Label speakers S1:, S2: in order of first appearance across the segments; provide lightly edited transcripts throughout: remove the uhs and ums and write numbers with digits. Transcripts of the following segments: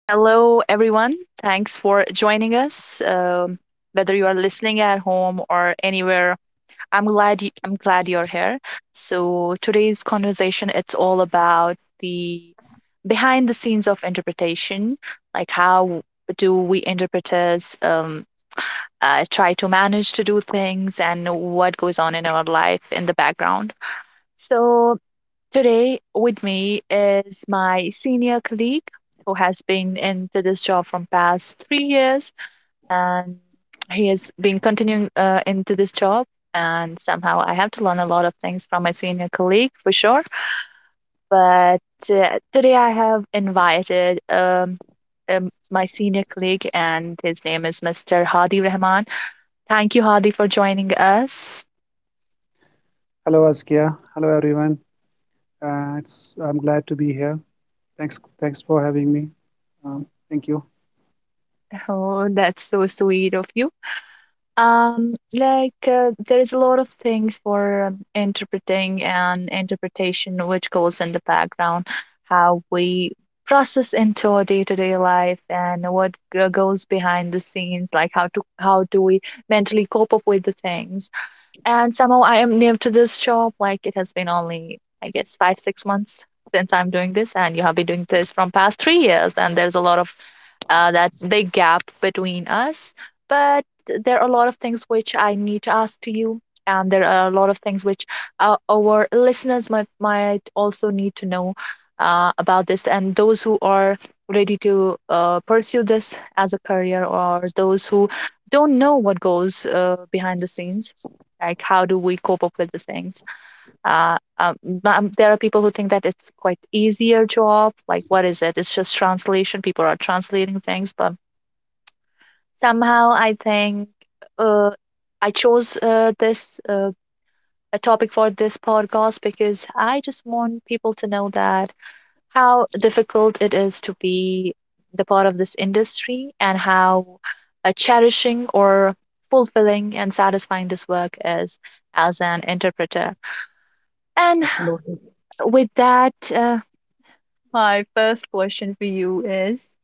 S1: Hello, everyone. Thanks for joining us. Whether you are listening at home or anywhere, I'm glad you're here. So today's conversation it's all about the behind the scenes of interpretation, like how do we interpreters try to manage to do things and what goes on in our life in the background. So today, with me is my senior colleague who has been into this job from past 3 years, and he has been continuing into this job. And somehow, I have to learn a lot of things from my senior colleague for sure. But today, I have invited my senior colleague, and his name is Mr. Hadi Rahman. Thank you, Hadi, for joining us.
S2: Hello, Askia. Hello, everyone. It's I'm glad to be here. Thanks for having me. Um, thank you.
S1: Oh, that's so sweet of you. Like there is a lot of things for interpreting and interpretation which goes in the background, how we process into our day-to-day life and what goes behind the scenes, like how do we mentally cope up with the things. And somehow I am new to this job. Like it has been only, I guess, five, 6 months since I'm doing this, and you have been doing this from past 3 years, and there's a lot of that big gap between us. But there are a lot of things which I need to ask to you, and there are a lot of things which our listeners might also need to know about this, and those who are ready to pursue this as a career, or those who don't know what goes behind the scenes, like how do we cope up with these things. uh, um, there are people who think that it's quite easier job, like what is it, it's just translation, people are translating things, but somehow I think uh, I chose this a topic for this podcast because I just want people to know that how difficult it is to be the part of this industry and how cherishing or fulfilling and satisfying this work is as an interpreter. And
S2: Absolutely.
S1: with that, my first question for you is,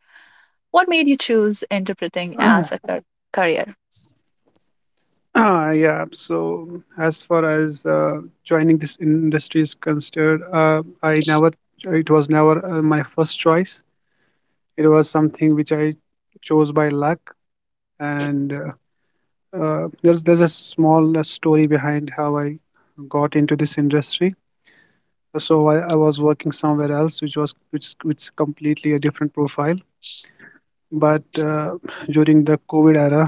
S1: what made you choose interpreting as a career?
S2: Yeah. So as far as joining this industry is concerned, I never. It was never my first choice. It was something which I chose by luck, and there's a small story behind how I got into this industry. So I was working somewhere else, which was which completely a different profile, but during the COVID era,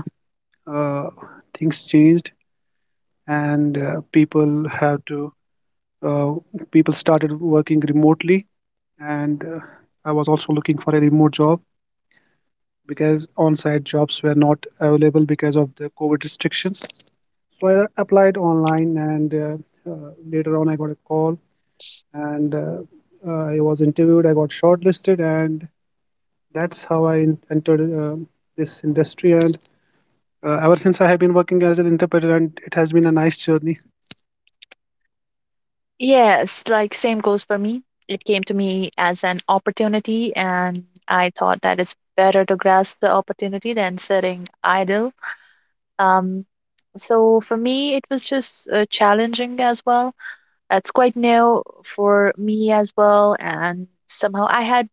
S2: uh, things changed, and people have to uh, people started working remotely. And I was also looking for a remote job because on-site jobs were not available because of the COVID restrictions. So I applied online, and later on I got a call, and I was interviewed, I got shortlisted, and that's how I entered this industry. And ever since I have been working as an interpreter, and it has been a nice journey.
S1: Yes, like same goes for me. It came to me as an opportunity, and I thought that it's better to grasp the opportunity than sitting idle. Um, so for me, it was just challenging as well. It's quite new for me as well, and somehow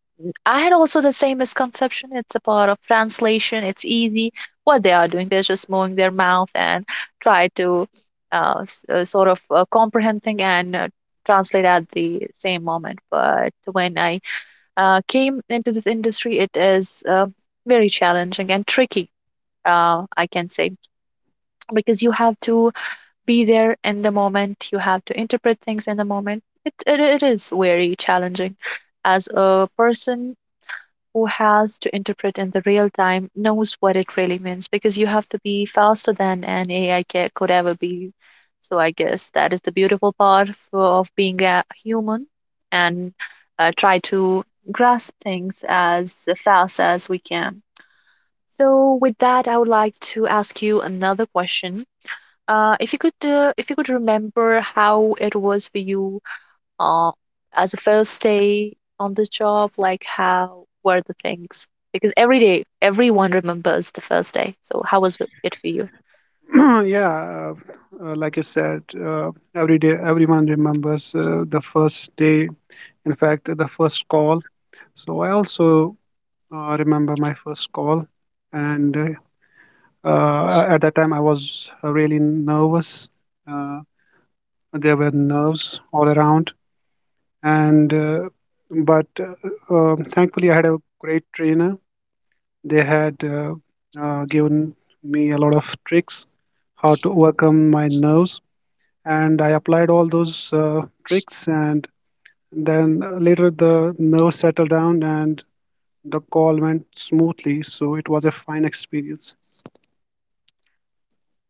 S1: I had also the same misconception. It's a part of translation. It's easy. What they are doing, they're just moving their mouth and try to sort of comprehend thing and translate at the same moment. But when I came into this industry, it is very challenging and tricky. I can say because you have to be there in the moment. You have to interpret things in the moment. It is very challenging as a person who has to interpret in the real time knows what it really means because you have to be faster than an AI could ever be. So I guess that is the beautiful part of being a human and try to grasp things as fast as we can. So, with that, I would like to ask you another question. If you could remember how it was for you, uh, as a first day on the job, like how were the things? Because every day, everyone remembers the first day. So how was it for you?
S2: Yeah. Like you said, every day everyone remembers the first day. In fact, the first call. So I also remember my first call, and at that time I was really nervous. Uh, there were nerves all around, and but thankfully I had a great trainer. They had given me a lot of tricks how to overcome my nerves, and I applied all those tricks. And then later the nerves settled down, and the call went smoothly. So it was a fine experience.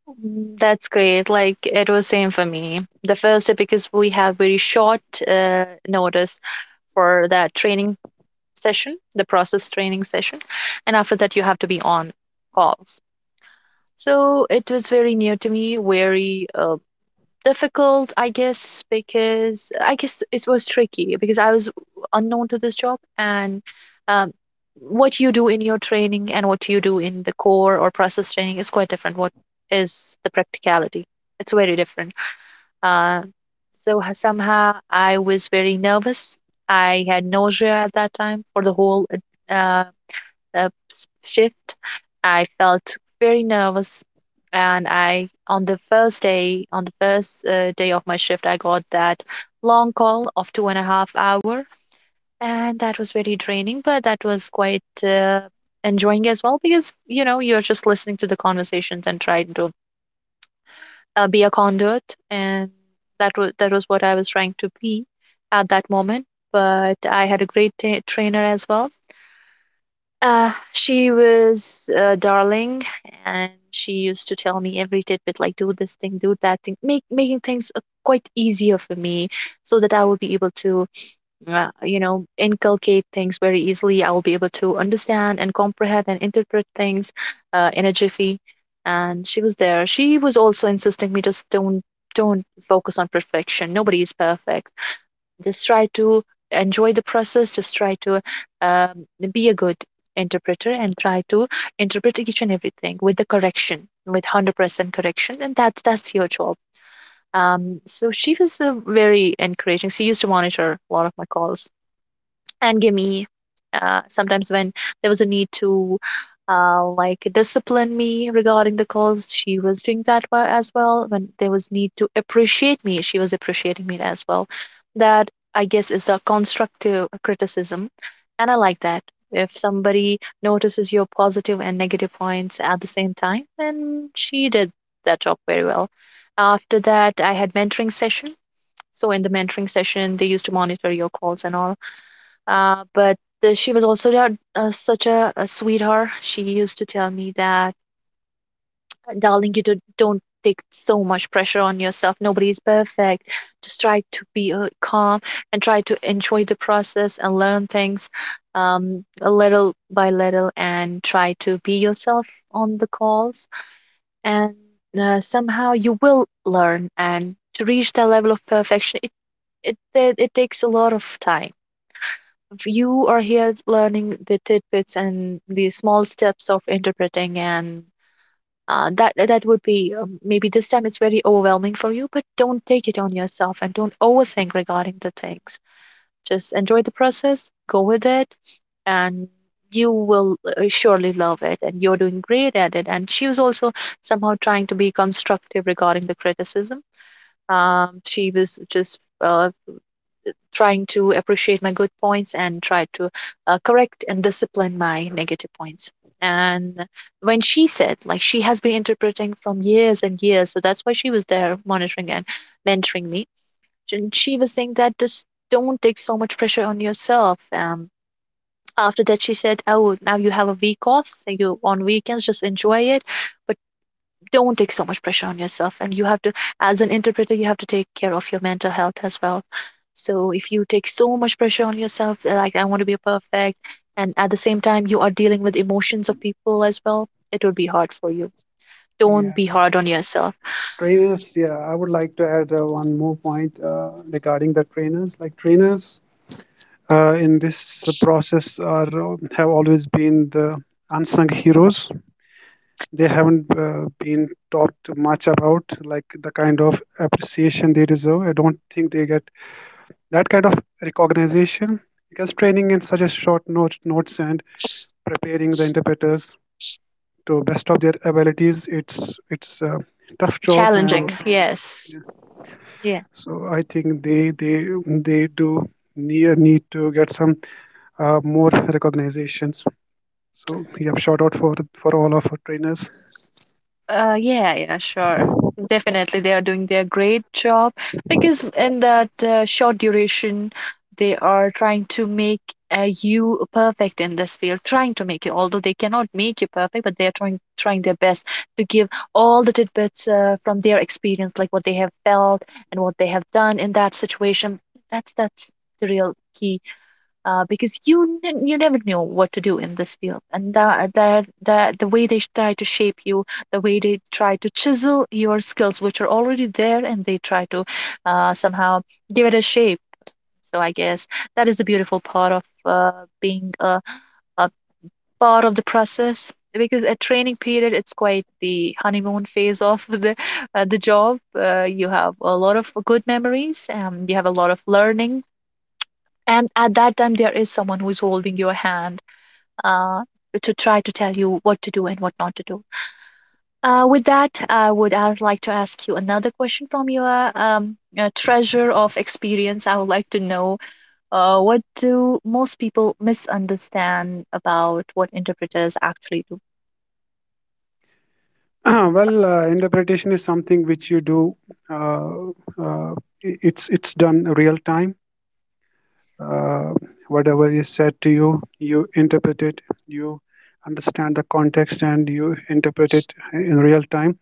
S1: Mm, that's great. Like it was same for me. The first day, because we have very short notice for that training session, the process training session, and after that you have to be on calls. So it was very new to me, very difficult, I guess, because I guess it was tricky because I was unknown to this job. And um, what you do in your training and what you do in the core or process training is quite different. What is the practicality, it's very different. Uh, so h- Somehow I was very nervous. I had nausea at that time for the whole uh, the shift. I felt very nervous, and I on the first day, on the first day of my shift, I got that long call of two and a half hour, and that was very draining, but that was quite enjoying as well because, you know, you're just listening to the conversations and trying to be a conduit, and that was what I was trying to be at that moment. But I had a great ta trainer as well. She was darling, and she used to tell me every tidbit, like do this thing, do that thing, make making things quite easier for me, so that I will be able to, you know, inculcate things very easily. I will be able to understand and comprehend and interpret things in a jiffy. And she was there. She was also insisting me, just don't focus on perfection. Nobody is perfect, just try to enjoy the process. Just try to um, be a good interpreter and try to interpret each and everything with the correction, with 100% correction. And That's your job. So she was very encouraging. She used to monitor a lot of my calls and give me sometimes when there was a need to like discipline me regarding the calls, she was doing that as well. When there was need to appreciate me, she was appreciating me as well. That, I guess, is the constructive criticism, and I like that. If somebody notices your positive and negative points at the same time, and she did that job very well. After that, I had mentoring session. So in the mentoring session, they used to monitor your calls and all. But She was also a sweetheart. She used to tell me that, Darling, you don't take so much pressure on yourself. Nobody is perfect. Just try to be calm and try to enjoy the process and learn things a little by little and try to be yourself on the calls. And somehow you will learn. And to reach that level of perfection, it takes a lot of time. If you are here learning the tidbits and the small steps of interpreting, and that would be, maybe this time it's very overwhelming for you, but don't take it on yourself and don't overthink regarding the things. Just enjoy the process, go with it, and you will surely love it, and you're doing great at it." And she was also somehow trying to be constructive regarding the criticism. She was just trying to appreciate my good points and try to correct and discipline my negative points. And when she said, like, she has been interpreting from years and years, so that's why she was there monitoring and mentoring me. And she was saying that just don't take so much pressure on yourself. After that, she said, "Oh, now you have a week off, so you on weekends just enjoy it. But don't take so much pressure on yourself, and you have to, as an interpreter, you have to take care of your mental health as well. So if you take so much pressure on yourself, like I want to be perfect, and at the same time you are dealing with emotions of people as well, it will be hard for you. Don't
S2: Yeah,
S1: be hard on yourself."
S2: trainers. Yeah, I would like to add one more point regarding the trainers. Like trainers, in this process, are have always been the unsung heroes. They haven't been talked much about, like the kind of appreciation they deserve. I don't think they get that kind of recognition, because training in such a short notes and preparing the interpreters to best of their abilities, it's a tough job,
S1: Challenging,
S2: and
S1: yes,
S2: yeah.
S1: yeah.
S2: So I think they do need to get some more recognitions. So yeah, shout out for all of our trainers.
S1: Yeah, yeah, sure. Definitely, they are doing their great job, because in that short duration, they are trying to make you perfect in this field, trying to make you, although they cannot make you perfect, but they are trying, trying their best to give all the tidbits from their experience, like what they have felt and what they have done in that situation. That's the real key, because you never know what to do in this field, and that the way they try to shape you, the way they try to chisel your skills which are already there, and they try to somehow give it a shape. So I guess that is a beautiful part of being a part of the process, because a training period, it's quite the honeymoon phase of the job. You have a lot of good memories, you have a lot of learning, and at that time there is someone who is holding your hand uh, to try to tell you what to do and what not to do. With that, I like to ask you another question from your treasure of experience. I would like to know, what do most people misunderstand about what interpreters actually do?
S2: Well, interpretation is something which you do. Uh, uh, it's done real time. uh, Whatever is said to you, you interpret it. You understand the context and you interpret it in real time.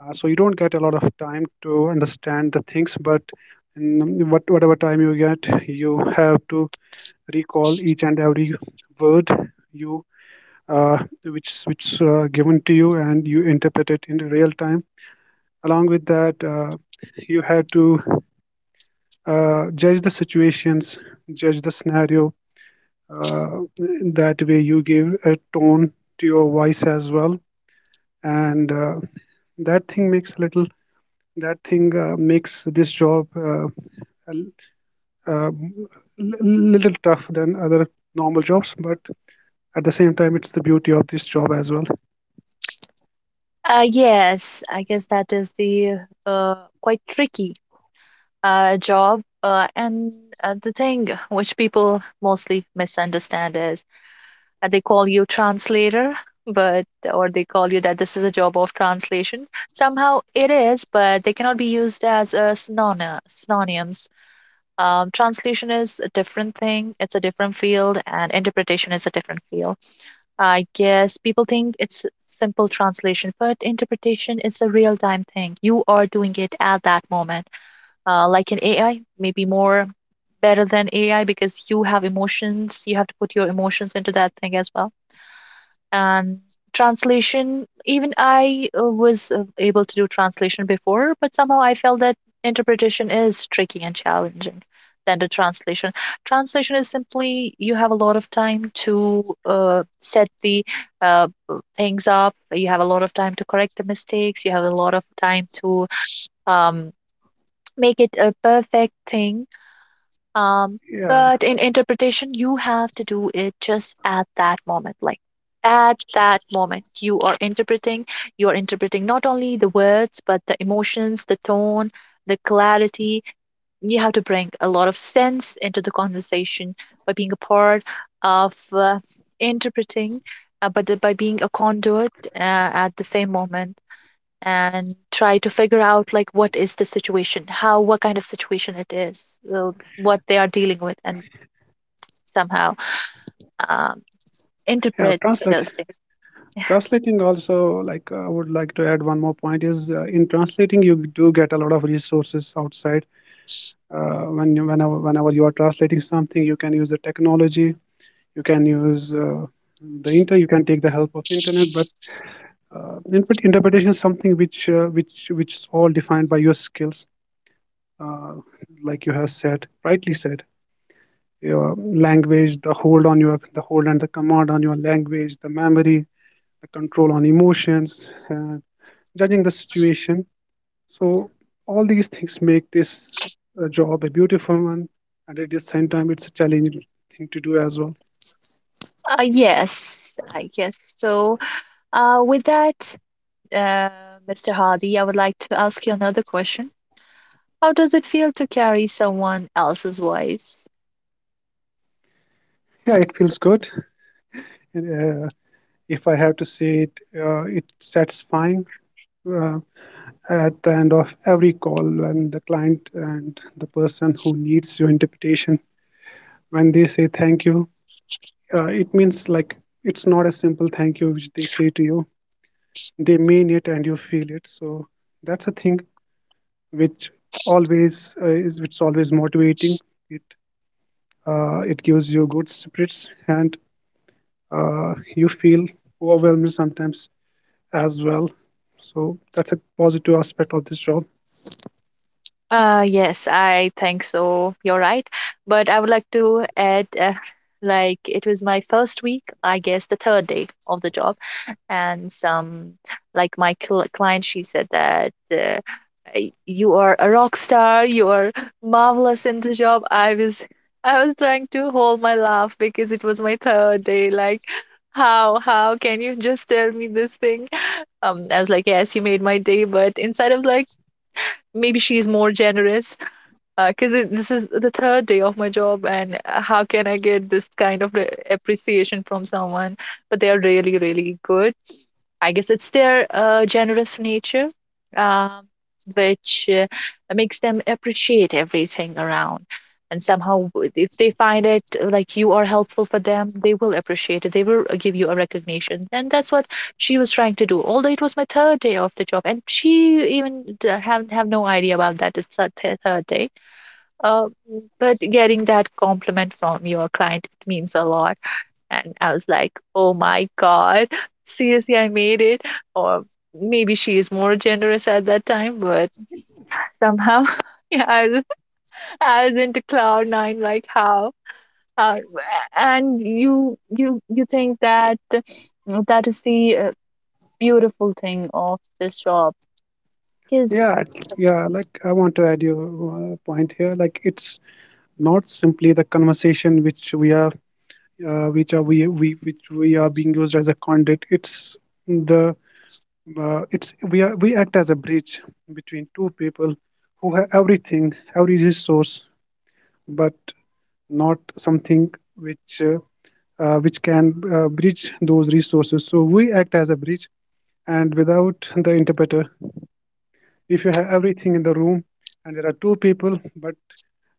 S2: So you don't get a lot of time to understand the things, but in whatever time you get, you have to recall each and every word you uh, which given to you, and you interpret it in real time. Along with that, you have to judge the situations, judge the scenario. uh, that way you give a tone to your voice as well. And that thing makes a little that thing makes this job uh, a l- um, l- little tough than other normal jobs, but at the same time it's the beauty of this job as well.
S1: Yes, I guess that is the uh, quite tricky job. And The thing which people mostly misunderstand is, they call you translator, but, or they call you that this is a job of translation. Somehow it is, but they cannot be used as a synonyms. Translation is a different thing, it's a different field, and interpretation is a different field. I guess people think it's simple translation, but interpretation is a real-time thing, you are doing it at that moment, like an AI. Maybe more better than AI because you have emotions, you have to put your emotions into that thing as well. And translation, even I was able to do translation before, but somehow I felt that interpretation is tricky and challenging than the translation. Translation is simply you have a lot of time to set the uh, things up, you have a lot of time to correct the mistakes, you have a lot of time to um, make it a perfect thing. um,
S2: Yeah,
S1: but in interpretation, you have to do it just at that moment. Like at that moment, you are interpreting. You are interpreting not only the words, but the emotions, the tone, the clarity. You have to bring a lot of sense into the conversation by being a part of interpreting, but by being a conduit at the same moment, and try to figure out like what is the situation, how, what kind of situation it is, what they are dealing with, and somehow um,
S2: yeah.
S1: interpret
S2: translate
S1: those things.
S2: translating also, like, I would like to add one more point is, in translating you do get a lot of resources outside. Whenever you are translating something, you can use the technology. You can use... the inter you can take the help of internet. But interpretation is something which which is all defined by your skills, uh, like you have said, rightly said. Your language, the hold and the command on your language, the memory, the control on emotions, judging the situation. So all these things make this job a beautiful one, and at the same time it's a challenging thing to do as well.
S1: Yes, I guess so. With that, uh, Mr. Hardy, I would like to ask you another question. How does it feel to carry someone else's voice?
S2: Yeah, it feels good. uh, If I have to say it, it's satisfying. uh, at the end of every call, when the client and the person who needs your interpretation, when they say thank you, it means, like, it's not a simple thank you which they say to you. They mean it, and you feel it. So that's a thing which always is which always motivating. It it gives you good spirits, and you feel overwhelmed sometimes as well. So that's a positive aspect of this job.
S1: Yes, I think so, you're right. But I would like to add, like it was my first week, I guess the third day of the job, and some, like my client, she said that, You are a rock star, you are marvelous in the job." I was, I was trying to hold my laugh, because it was my third day. Like how can you just tell me this thing? I was like, yes, you made my day, but inside I was like, maybe she's more generous, because it this is the third day of my job. And how can I get this kind of appreciation from someone? But they are really, really good. I guess it's their generous nature, um, which makes them appreciate everything around. And somehow, if they find it like you are helpful for them, they will appreciate it. They will give you a recognition. And that's what she was trying to do. Although it was my third day of the job, and she even have no idea about that, it's her third day. Uh, but getting that compliment from your client means a lot, and I was like, oh my God, seriously, I made it. Or maybe she is more generous at that time, but somehow, yeah, I was into cloud nine, like how? Uh, and you think that that is the beautiful thing of this job because,
S2: Yeah, yeah. Like, I want to add you a point here. Like, it's not simply the conversation which we are, which are we which we are being used as a conduit. It's the it's we are we act as a bridge between two people who have everything, every resource, but not something which which can bridge those resources. So we act as a bridge, and without the interpreter, if you have everything in the room and there are two people but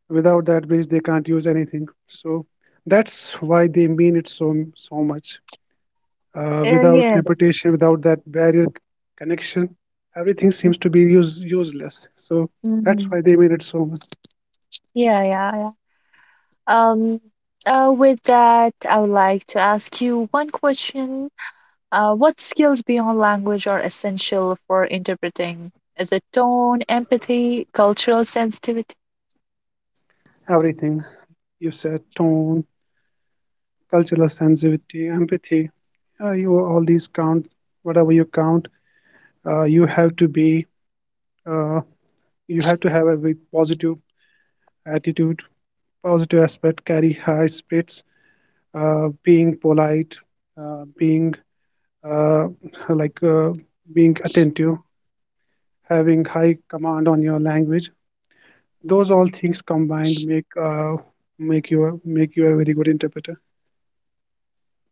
S2: without that bridge they can't use anything, so that's why they mean it so much,
S1: uh,
S2: without
S1: yes
S2: amputation, without that barrier, connection, everything seems to be useless, so that's
S1: hmm
S2: why they mean it so much.
S1: yeah, yeah, yeah. um with that, I would like to ask you one question. What skills beyond language are essential for interpreting? Is it tone, empathy, cultural sensitivity?
S2: Everything you said: tone, cultural sensitivity, empathy. You All these count, whatever you count. uh, you have to be uh, you have to have a with positive attitude, positive aspect, carry high spirits, being polite, uh, being uh, like uh, being attentive, having high command on your language. Those all things combined make you a very good interpreter.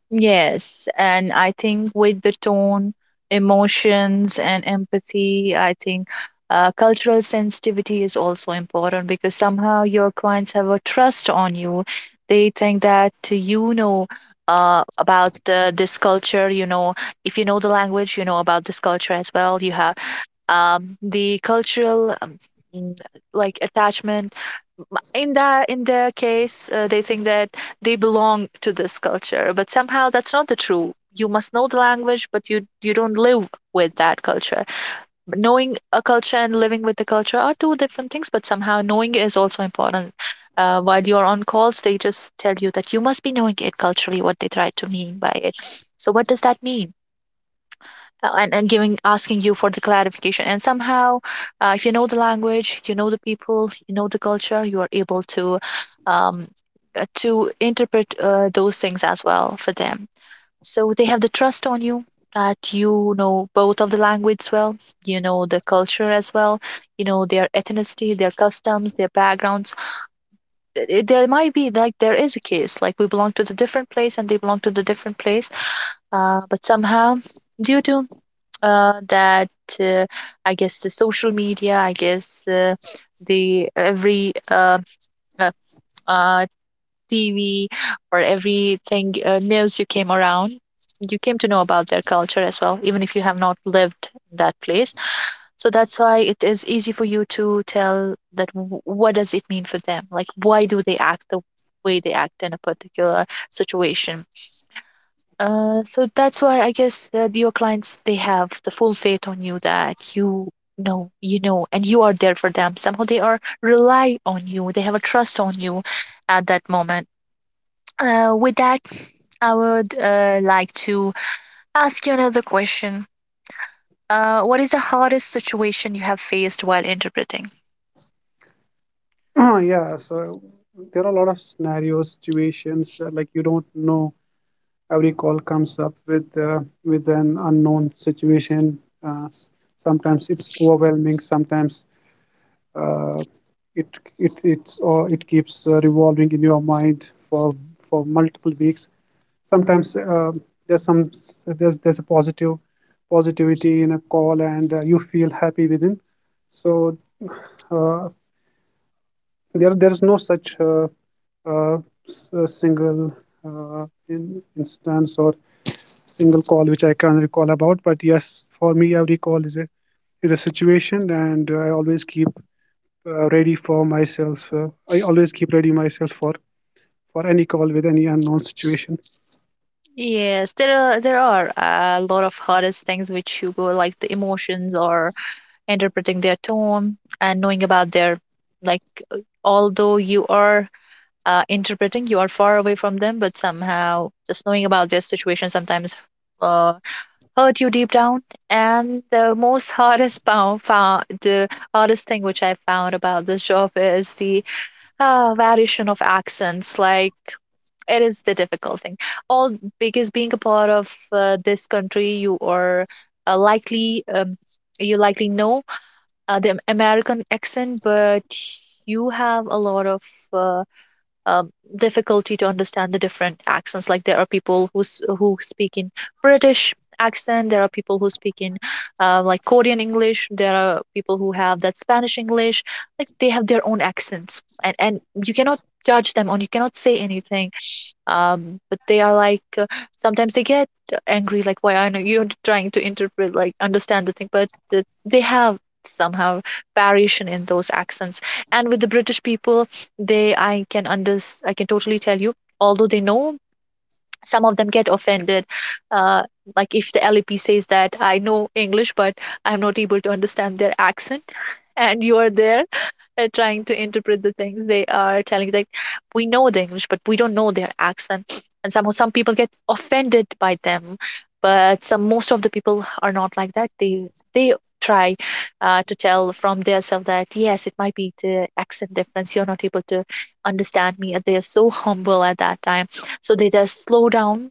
S1: Yes, and I think with the tone, emotions, and empathy, I think cultural sensitivity is also important, because somehow your clients have a trust on you. They think that you know about this culture. You know, if you know the language, you know about this culture as well. You have the cultural mm, like attachment. m- in that in their case, they think that they belong to this culture, but somehow that's not the true. You must know the language, but you don't live with that culture. But knowing a culture and living with the culture are two different things, but somehow knowing is also important. While you're on calls, they just tell you that you must be knowing it culturally, what they try to mean by it. So what does that mean? And giving, asking you for the clarification, and somehow, if you know the language, you know the people, you know the culture, you are able um, to interpret those things as well for them. So they have the trust on you, that you know both of the language well, you know the culture as well, you know their ethnicity, their customs, their backgrounds. There might be like, there is a case, like we belong to the different place and they belong to the different place. But somehow, due to that uh, I guess the social media, I guess the every uh, uh, TV or everything, news, you came around, you came to know about their culture as well, even if you have not lived in that place. So that's why it is easy for you to tell that, what does it mean for them? Like, why do they act the way they act in a particular situation? So that's why I guess that your clients, they have the full faith on you that you know, and you are there for them. Somehow they are rely on you. They have a trust on you at that moment. With that, I would like to ask you another question. What is the hardest situation you have faced while interpreting?
S2: Yeah, so there are a lot of scenarios, situations, like you don't know. Every call comes up with with an unknown situation. Uh, Sometimes it's overwhelming. Sometimes, uh, it it it's or it keeps revolving in your mind for multiple weeks. Sometimes, there's some there's a positive positivity in a call, and you feel happy within. So uh, there is no such uh, single in instance or single call which I can't recall about. But yes, for me, every call is a situation, and I always keep ready for myself. I always keep ready myself for any call with any unknown situation.
S1: Yes, there are, there are a lot of hardest things which you go, like the emotions or interpreting their tone and knowing about their, like, although you are interpreting, you are far away from them, but somehow just knowing about their situation sometimes uh, hurt you deep down. And the most hardest found, found the hardest thing which I found about this job is the variation of accents. Like it is the difficult thing. All because being a part of this country, you are likely you likely know the American accent, but you have a lot of uh, um, difficulty to understand the different accents. Like there are people who who speak in British accent, there are people who speak in like Korean English, there are people who have that Spanish English. Like they have their own accents, and you cannot judge them, and you cannot say anything. But they are like, sometimes they get angry, like why aren't you trying to interpret, like understand the thing? But they have somehow variation in those accents. And with the British people, they, I can totally tell you, although they know, some of them get offended, uh, like if the LEP says that I know English, but I'm not able to understand their accent, and you are there trying to interpret the things they are telling you, like, we know the English, but we don't know their accent. And somehow some people get offended by them, but some, most of the people are not like that. They try to tell from their self that, yes, it might be the accent difference, you're not able to understand me. They are so humble at that time, so they just slow down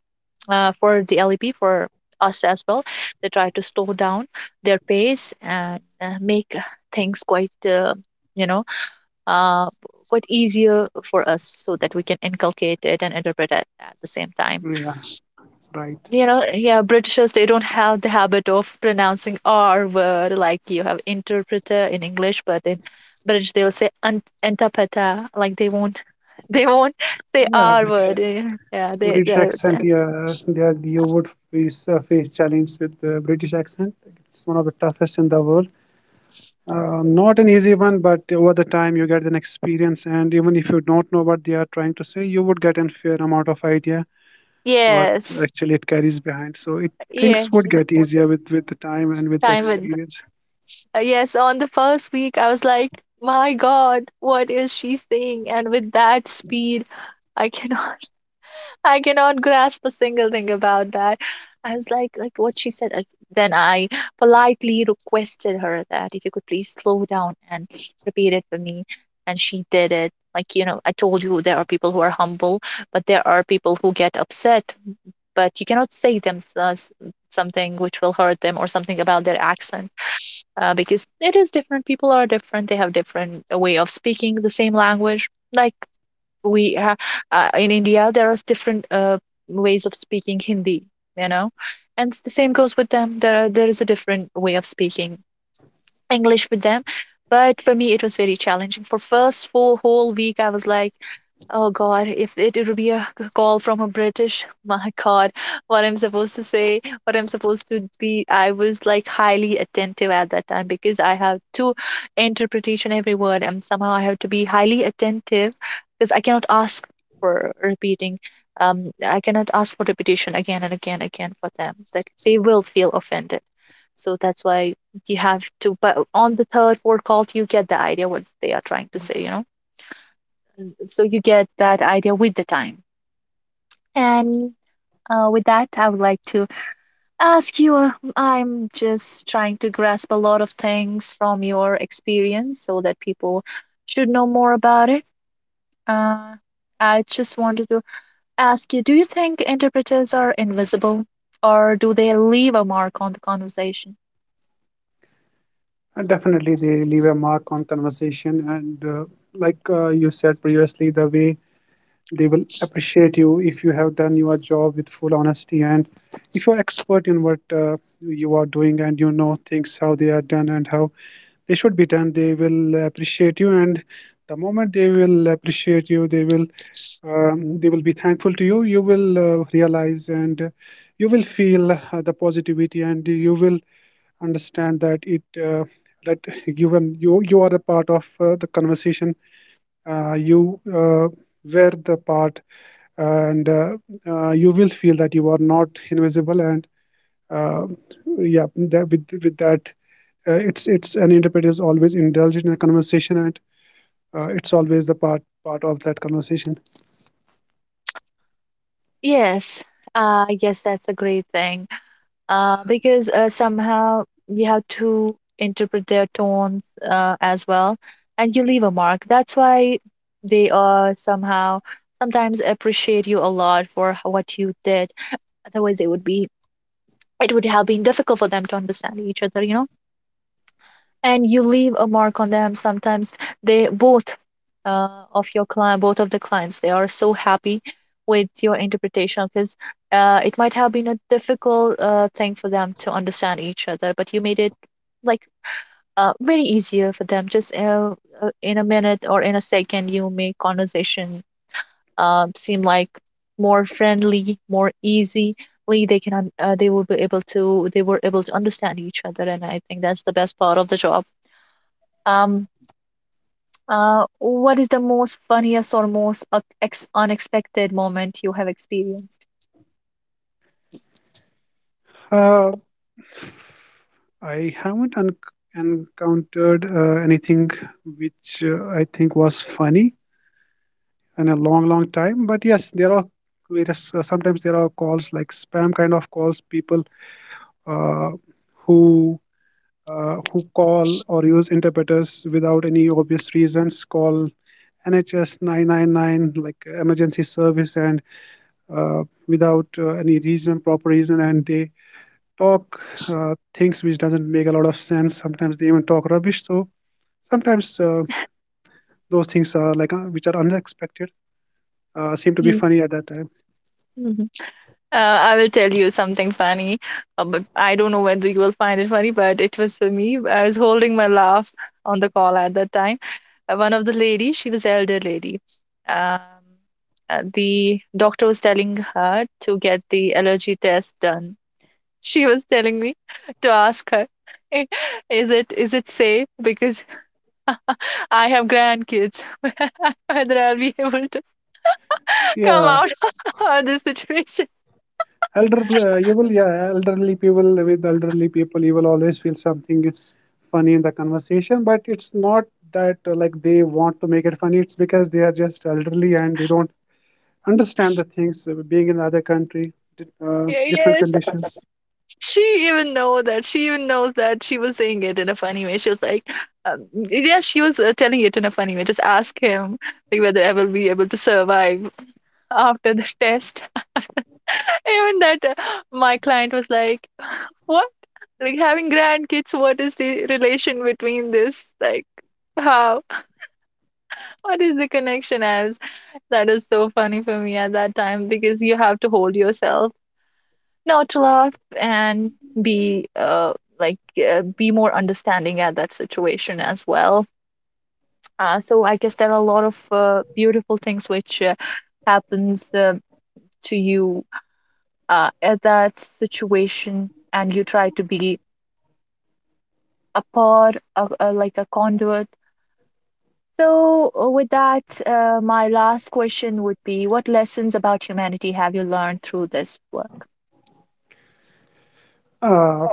S1: for the LEP, for us as well, they try to slow down their pace, and make things quite you know uh, quite easier for us so that we can inculcate it and interpret it at the same time.
S2: Yeah, right.
S1: You know, yeah, Britishers, they don't have the habit of pronouncing R word. Like you have interpreter in English, but in British, they'll say "ant- interpreter," like they won't they won't say
S2: Yeah,
S1: R
S2: British
S1: word. Yeah, yeah, they,
S2: British
S1: they.
S2: accent. Yeah, yeah, you would face face challenge with the British accent. It's one of the toughest in the world. Not an easy one, but over the time you get an experience, and even if you don't know what they are trying to say, you would get a fair amount of idea what
S1: Yes,
S2: actually it carries behind. So it things
S1: yes,
S2: would get easier with the time and with the
S1: time with.
S2: experience.
S1: Yes, on the first week, I was like, my God, what is she saying? And with that speed, I cannot, I cannot grasp a single thing about that. I was like what she said, like, then I politely requested her that if you could please slow down and repeat it for me. And she did it. Like, you know, I told you there are people who are humble, but there are people who get upset. But you cannot say them something which will hurt them or something about their accent, because it is different. People are different. They have different way of speaking the same language. We ha- in India, there are different ways of speaking Hindi, you know, and the same goes with them. There is a different way of speaking English with them. But for me, it was very challenging. For first four whole week, I was like, oh God, if it would be a call from a British, my God, what I'm supposed to say, what I'm supposed to be. I was like highly attentive at that time because I have to interpret each and every word, and somehow I have to be highly attentive because I cannot ask for repeating. I cannot ask for repetition again and again again for them. That they will feel offended. So that's why you have to. But on the third, fourth call, you get the idea what they are trying to say, so you get that idea with the time. And with that, I would like to ask you. I'm just trying to grasp a lot of things from your experience so that people should know more about it. Uh, I just wanted to ask you, do you think interpreters are invisible or do they leave a mark on the conversation?
S2: And definitely, they leave a mark on conversation. And like, you said previously, the way they will appreciate you if you have done your job with full honesty, and if you're expert in what you are doing and you know things how they are done and how they should be done, they will appreciate you. And the moment they will appreciate you, they will be thankful to you. You will realize, and you will feel the positivity, and you will understand that, it that given you are a part of the conversation. You were the part, and you will feel that you are not invisible. And uh, yeah, that with that, it's an interpreter is always indulged in the conversation, and it's always the part of that conversation.
S1: Yes, yes, that's a great thing because somehow you have to interpret their tones as well, and you leave a mark. That's why they are somehow sometimes appreciate you a lot for what you did. Otherwise, it would have been difficult for them to understand each other, and you leave a mark on them. Sometimes they both, of your client both of the clients, they are so happy with your interpretation because it might have been a difficult thing for them to understand each other, but you made it like very easier for them. Just In a minute or in a second you make conversation seem like more friendly, more easily they can they were able to understand each other, and I think that's the best part of the job. um what is the most funniest or most unexpected moment you have experienced?
S2: Uh, I haven't encountered anything which, I think, was funny in a long, long time. But yes, there are sometimes there are calls like spam kind of calls, people, uh, who who call or use interpreters without any obvious reasons, call NHS 999 like emergency service, and without any reason, proper reason, and they talk things which doesn't make a lot of sense. Sometimes they even talk rubbish. So sometimes, those things are which are unexpected, seem to be funny at that time.
S1: Mm-hmm. I will tell you something funny, but I don't know whether you will find it funny, but it was for me. I was holding my laugh on the call at that time. One of the ladies, she was elder lady. Um, the doctor was telling her to get the allergy test done. She was telling me to ask her, is it safe? Because I have grandkids. Whether I'll be able to come
S2: Yeah.
S1: out of this situation.
S2: Elderly people, with elderly people, you will always feel something funny in the conversation, but it's not that, like, they want to make it funny, it's because they are just elderly and they don't understand the things, being in the other country, different
S1: Yes.
S2: conditions.
S1: She even know that. She even knows that she was saying it in a funny way. She was like, yeah, she was telling it in a funny way. Just ask him like whether I will be able to survive after the test. Even that my client was like, what? Like having grandkids, what is the relation between this? Like, how? What is the connection? I was— that is so funny for me at that time because you have to hold yourself not to laugh and be be more understanding at that situation as well. So I guess there are a lot of beautiful things which happens to you at that situation, and you try to be a part of, like, a conduit. So with that, my last question would be: what lessons about humanity have you learned through this work?
S2: uh,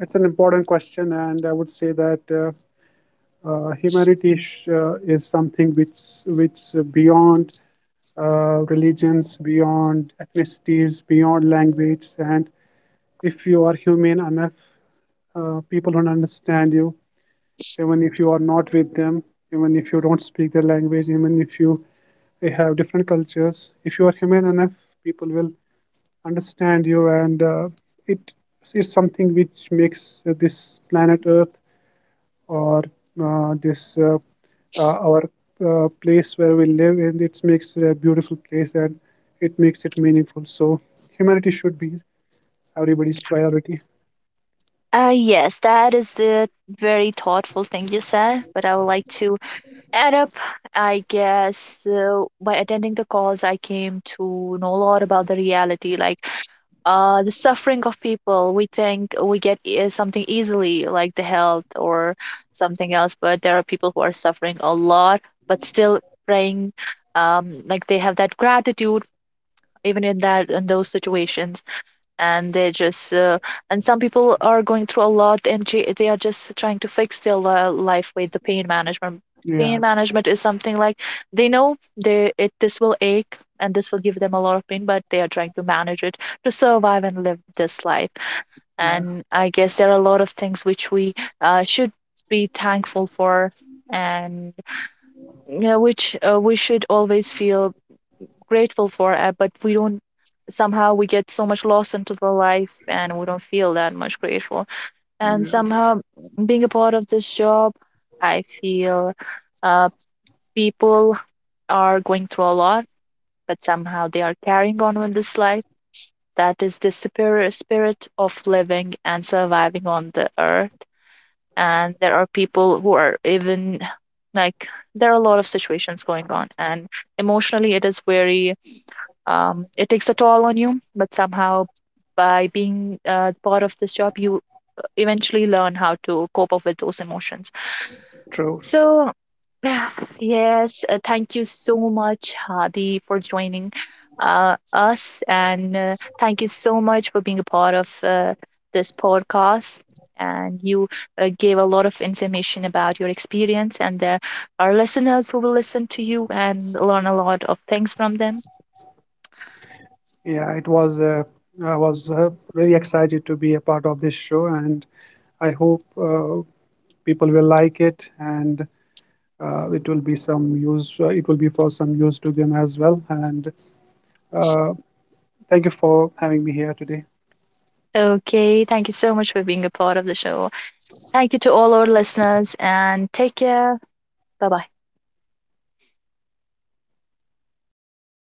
S2: it's an important question, and I would say that humanity is something which, beyond religions, beyond ethnicities, beyond language, and if you are humane enough, people will understand you, even if you are not with them, even if you don't speak their language, even if you they have different cultures. If you are humane enough, people will understand you, and it is something which makes this planet Earth, or this our place where we live, and it makes it a beautiful place, and it makes it meaningful. So humanity should be everybody's priority.
S1: Yes, that is the very thoughtful thing you said, but I would like to add up, I guess, by attending the calls, I came to know a lot about the reality, like the suffering of people. We think we get something easily, like the health or something else, but there are people who are suffering a lot, but still praying, like they have that gratitude even in that in those situations, and they just and some people are going through a lot, and they are just trying to fix their life with the pain management.
S2: Yeah,
S1: Pain management is something like, they know they— it this will ache and this will give them a lot of pain, but they are trying to manage it to survive and live this life.
S2: yeah,
S1: And I guess there are a lot of things which we should be thankful for, and, which we should always feel grateful for it, but we don't. Somehow we get so much lost into the life and we don't feel that much grateful. And
S2: yeah,
S1: somehow being a part of this job, I feel uh, people are going through a lot, but somehow they are carrying on with this life. That is the superior spirit of living and surviving on the earth. And there are people who are even, like, there are a lot of situations going on, and emotionally, it is very it takes a toll on you, but somehow by being part of this job you eventually learn how to cope up with those emotions,
S2: true.
S1: so yes, thank you so much, Hadi, for joining us, and thank you so much for being a part of this podcast, and you gave a lot of information about your experience, and there are listeners who will listen to you and learn a lot of things from them.
S2: Yeah, it was I was very excited to be a part of this show, and I hope people will like it, and it will be for some use to them as well. And uh, thank you for having me here today.
S1: Okay, thank you so much for being a part of the show. Thank you to all our listeners, and take care. Bye bye.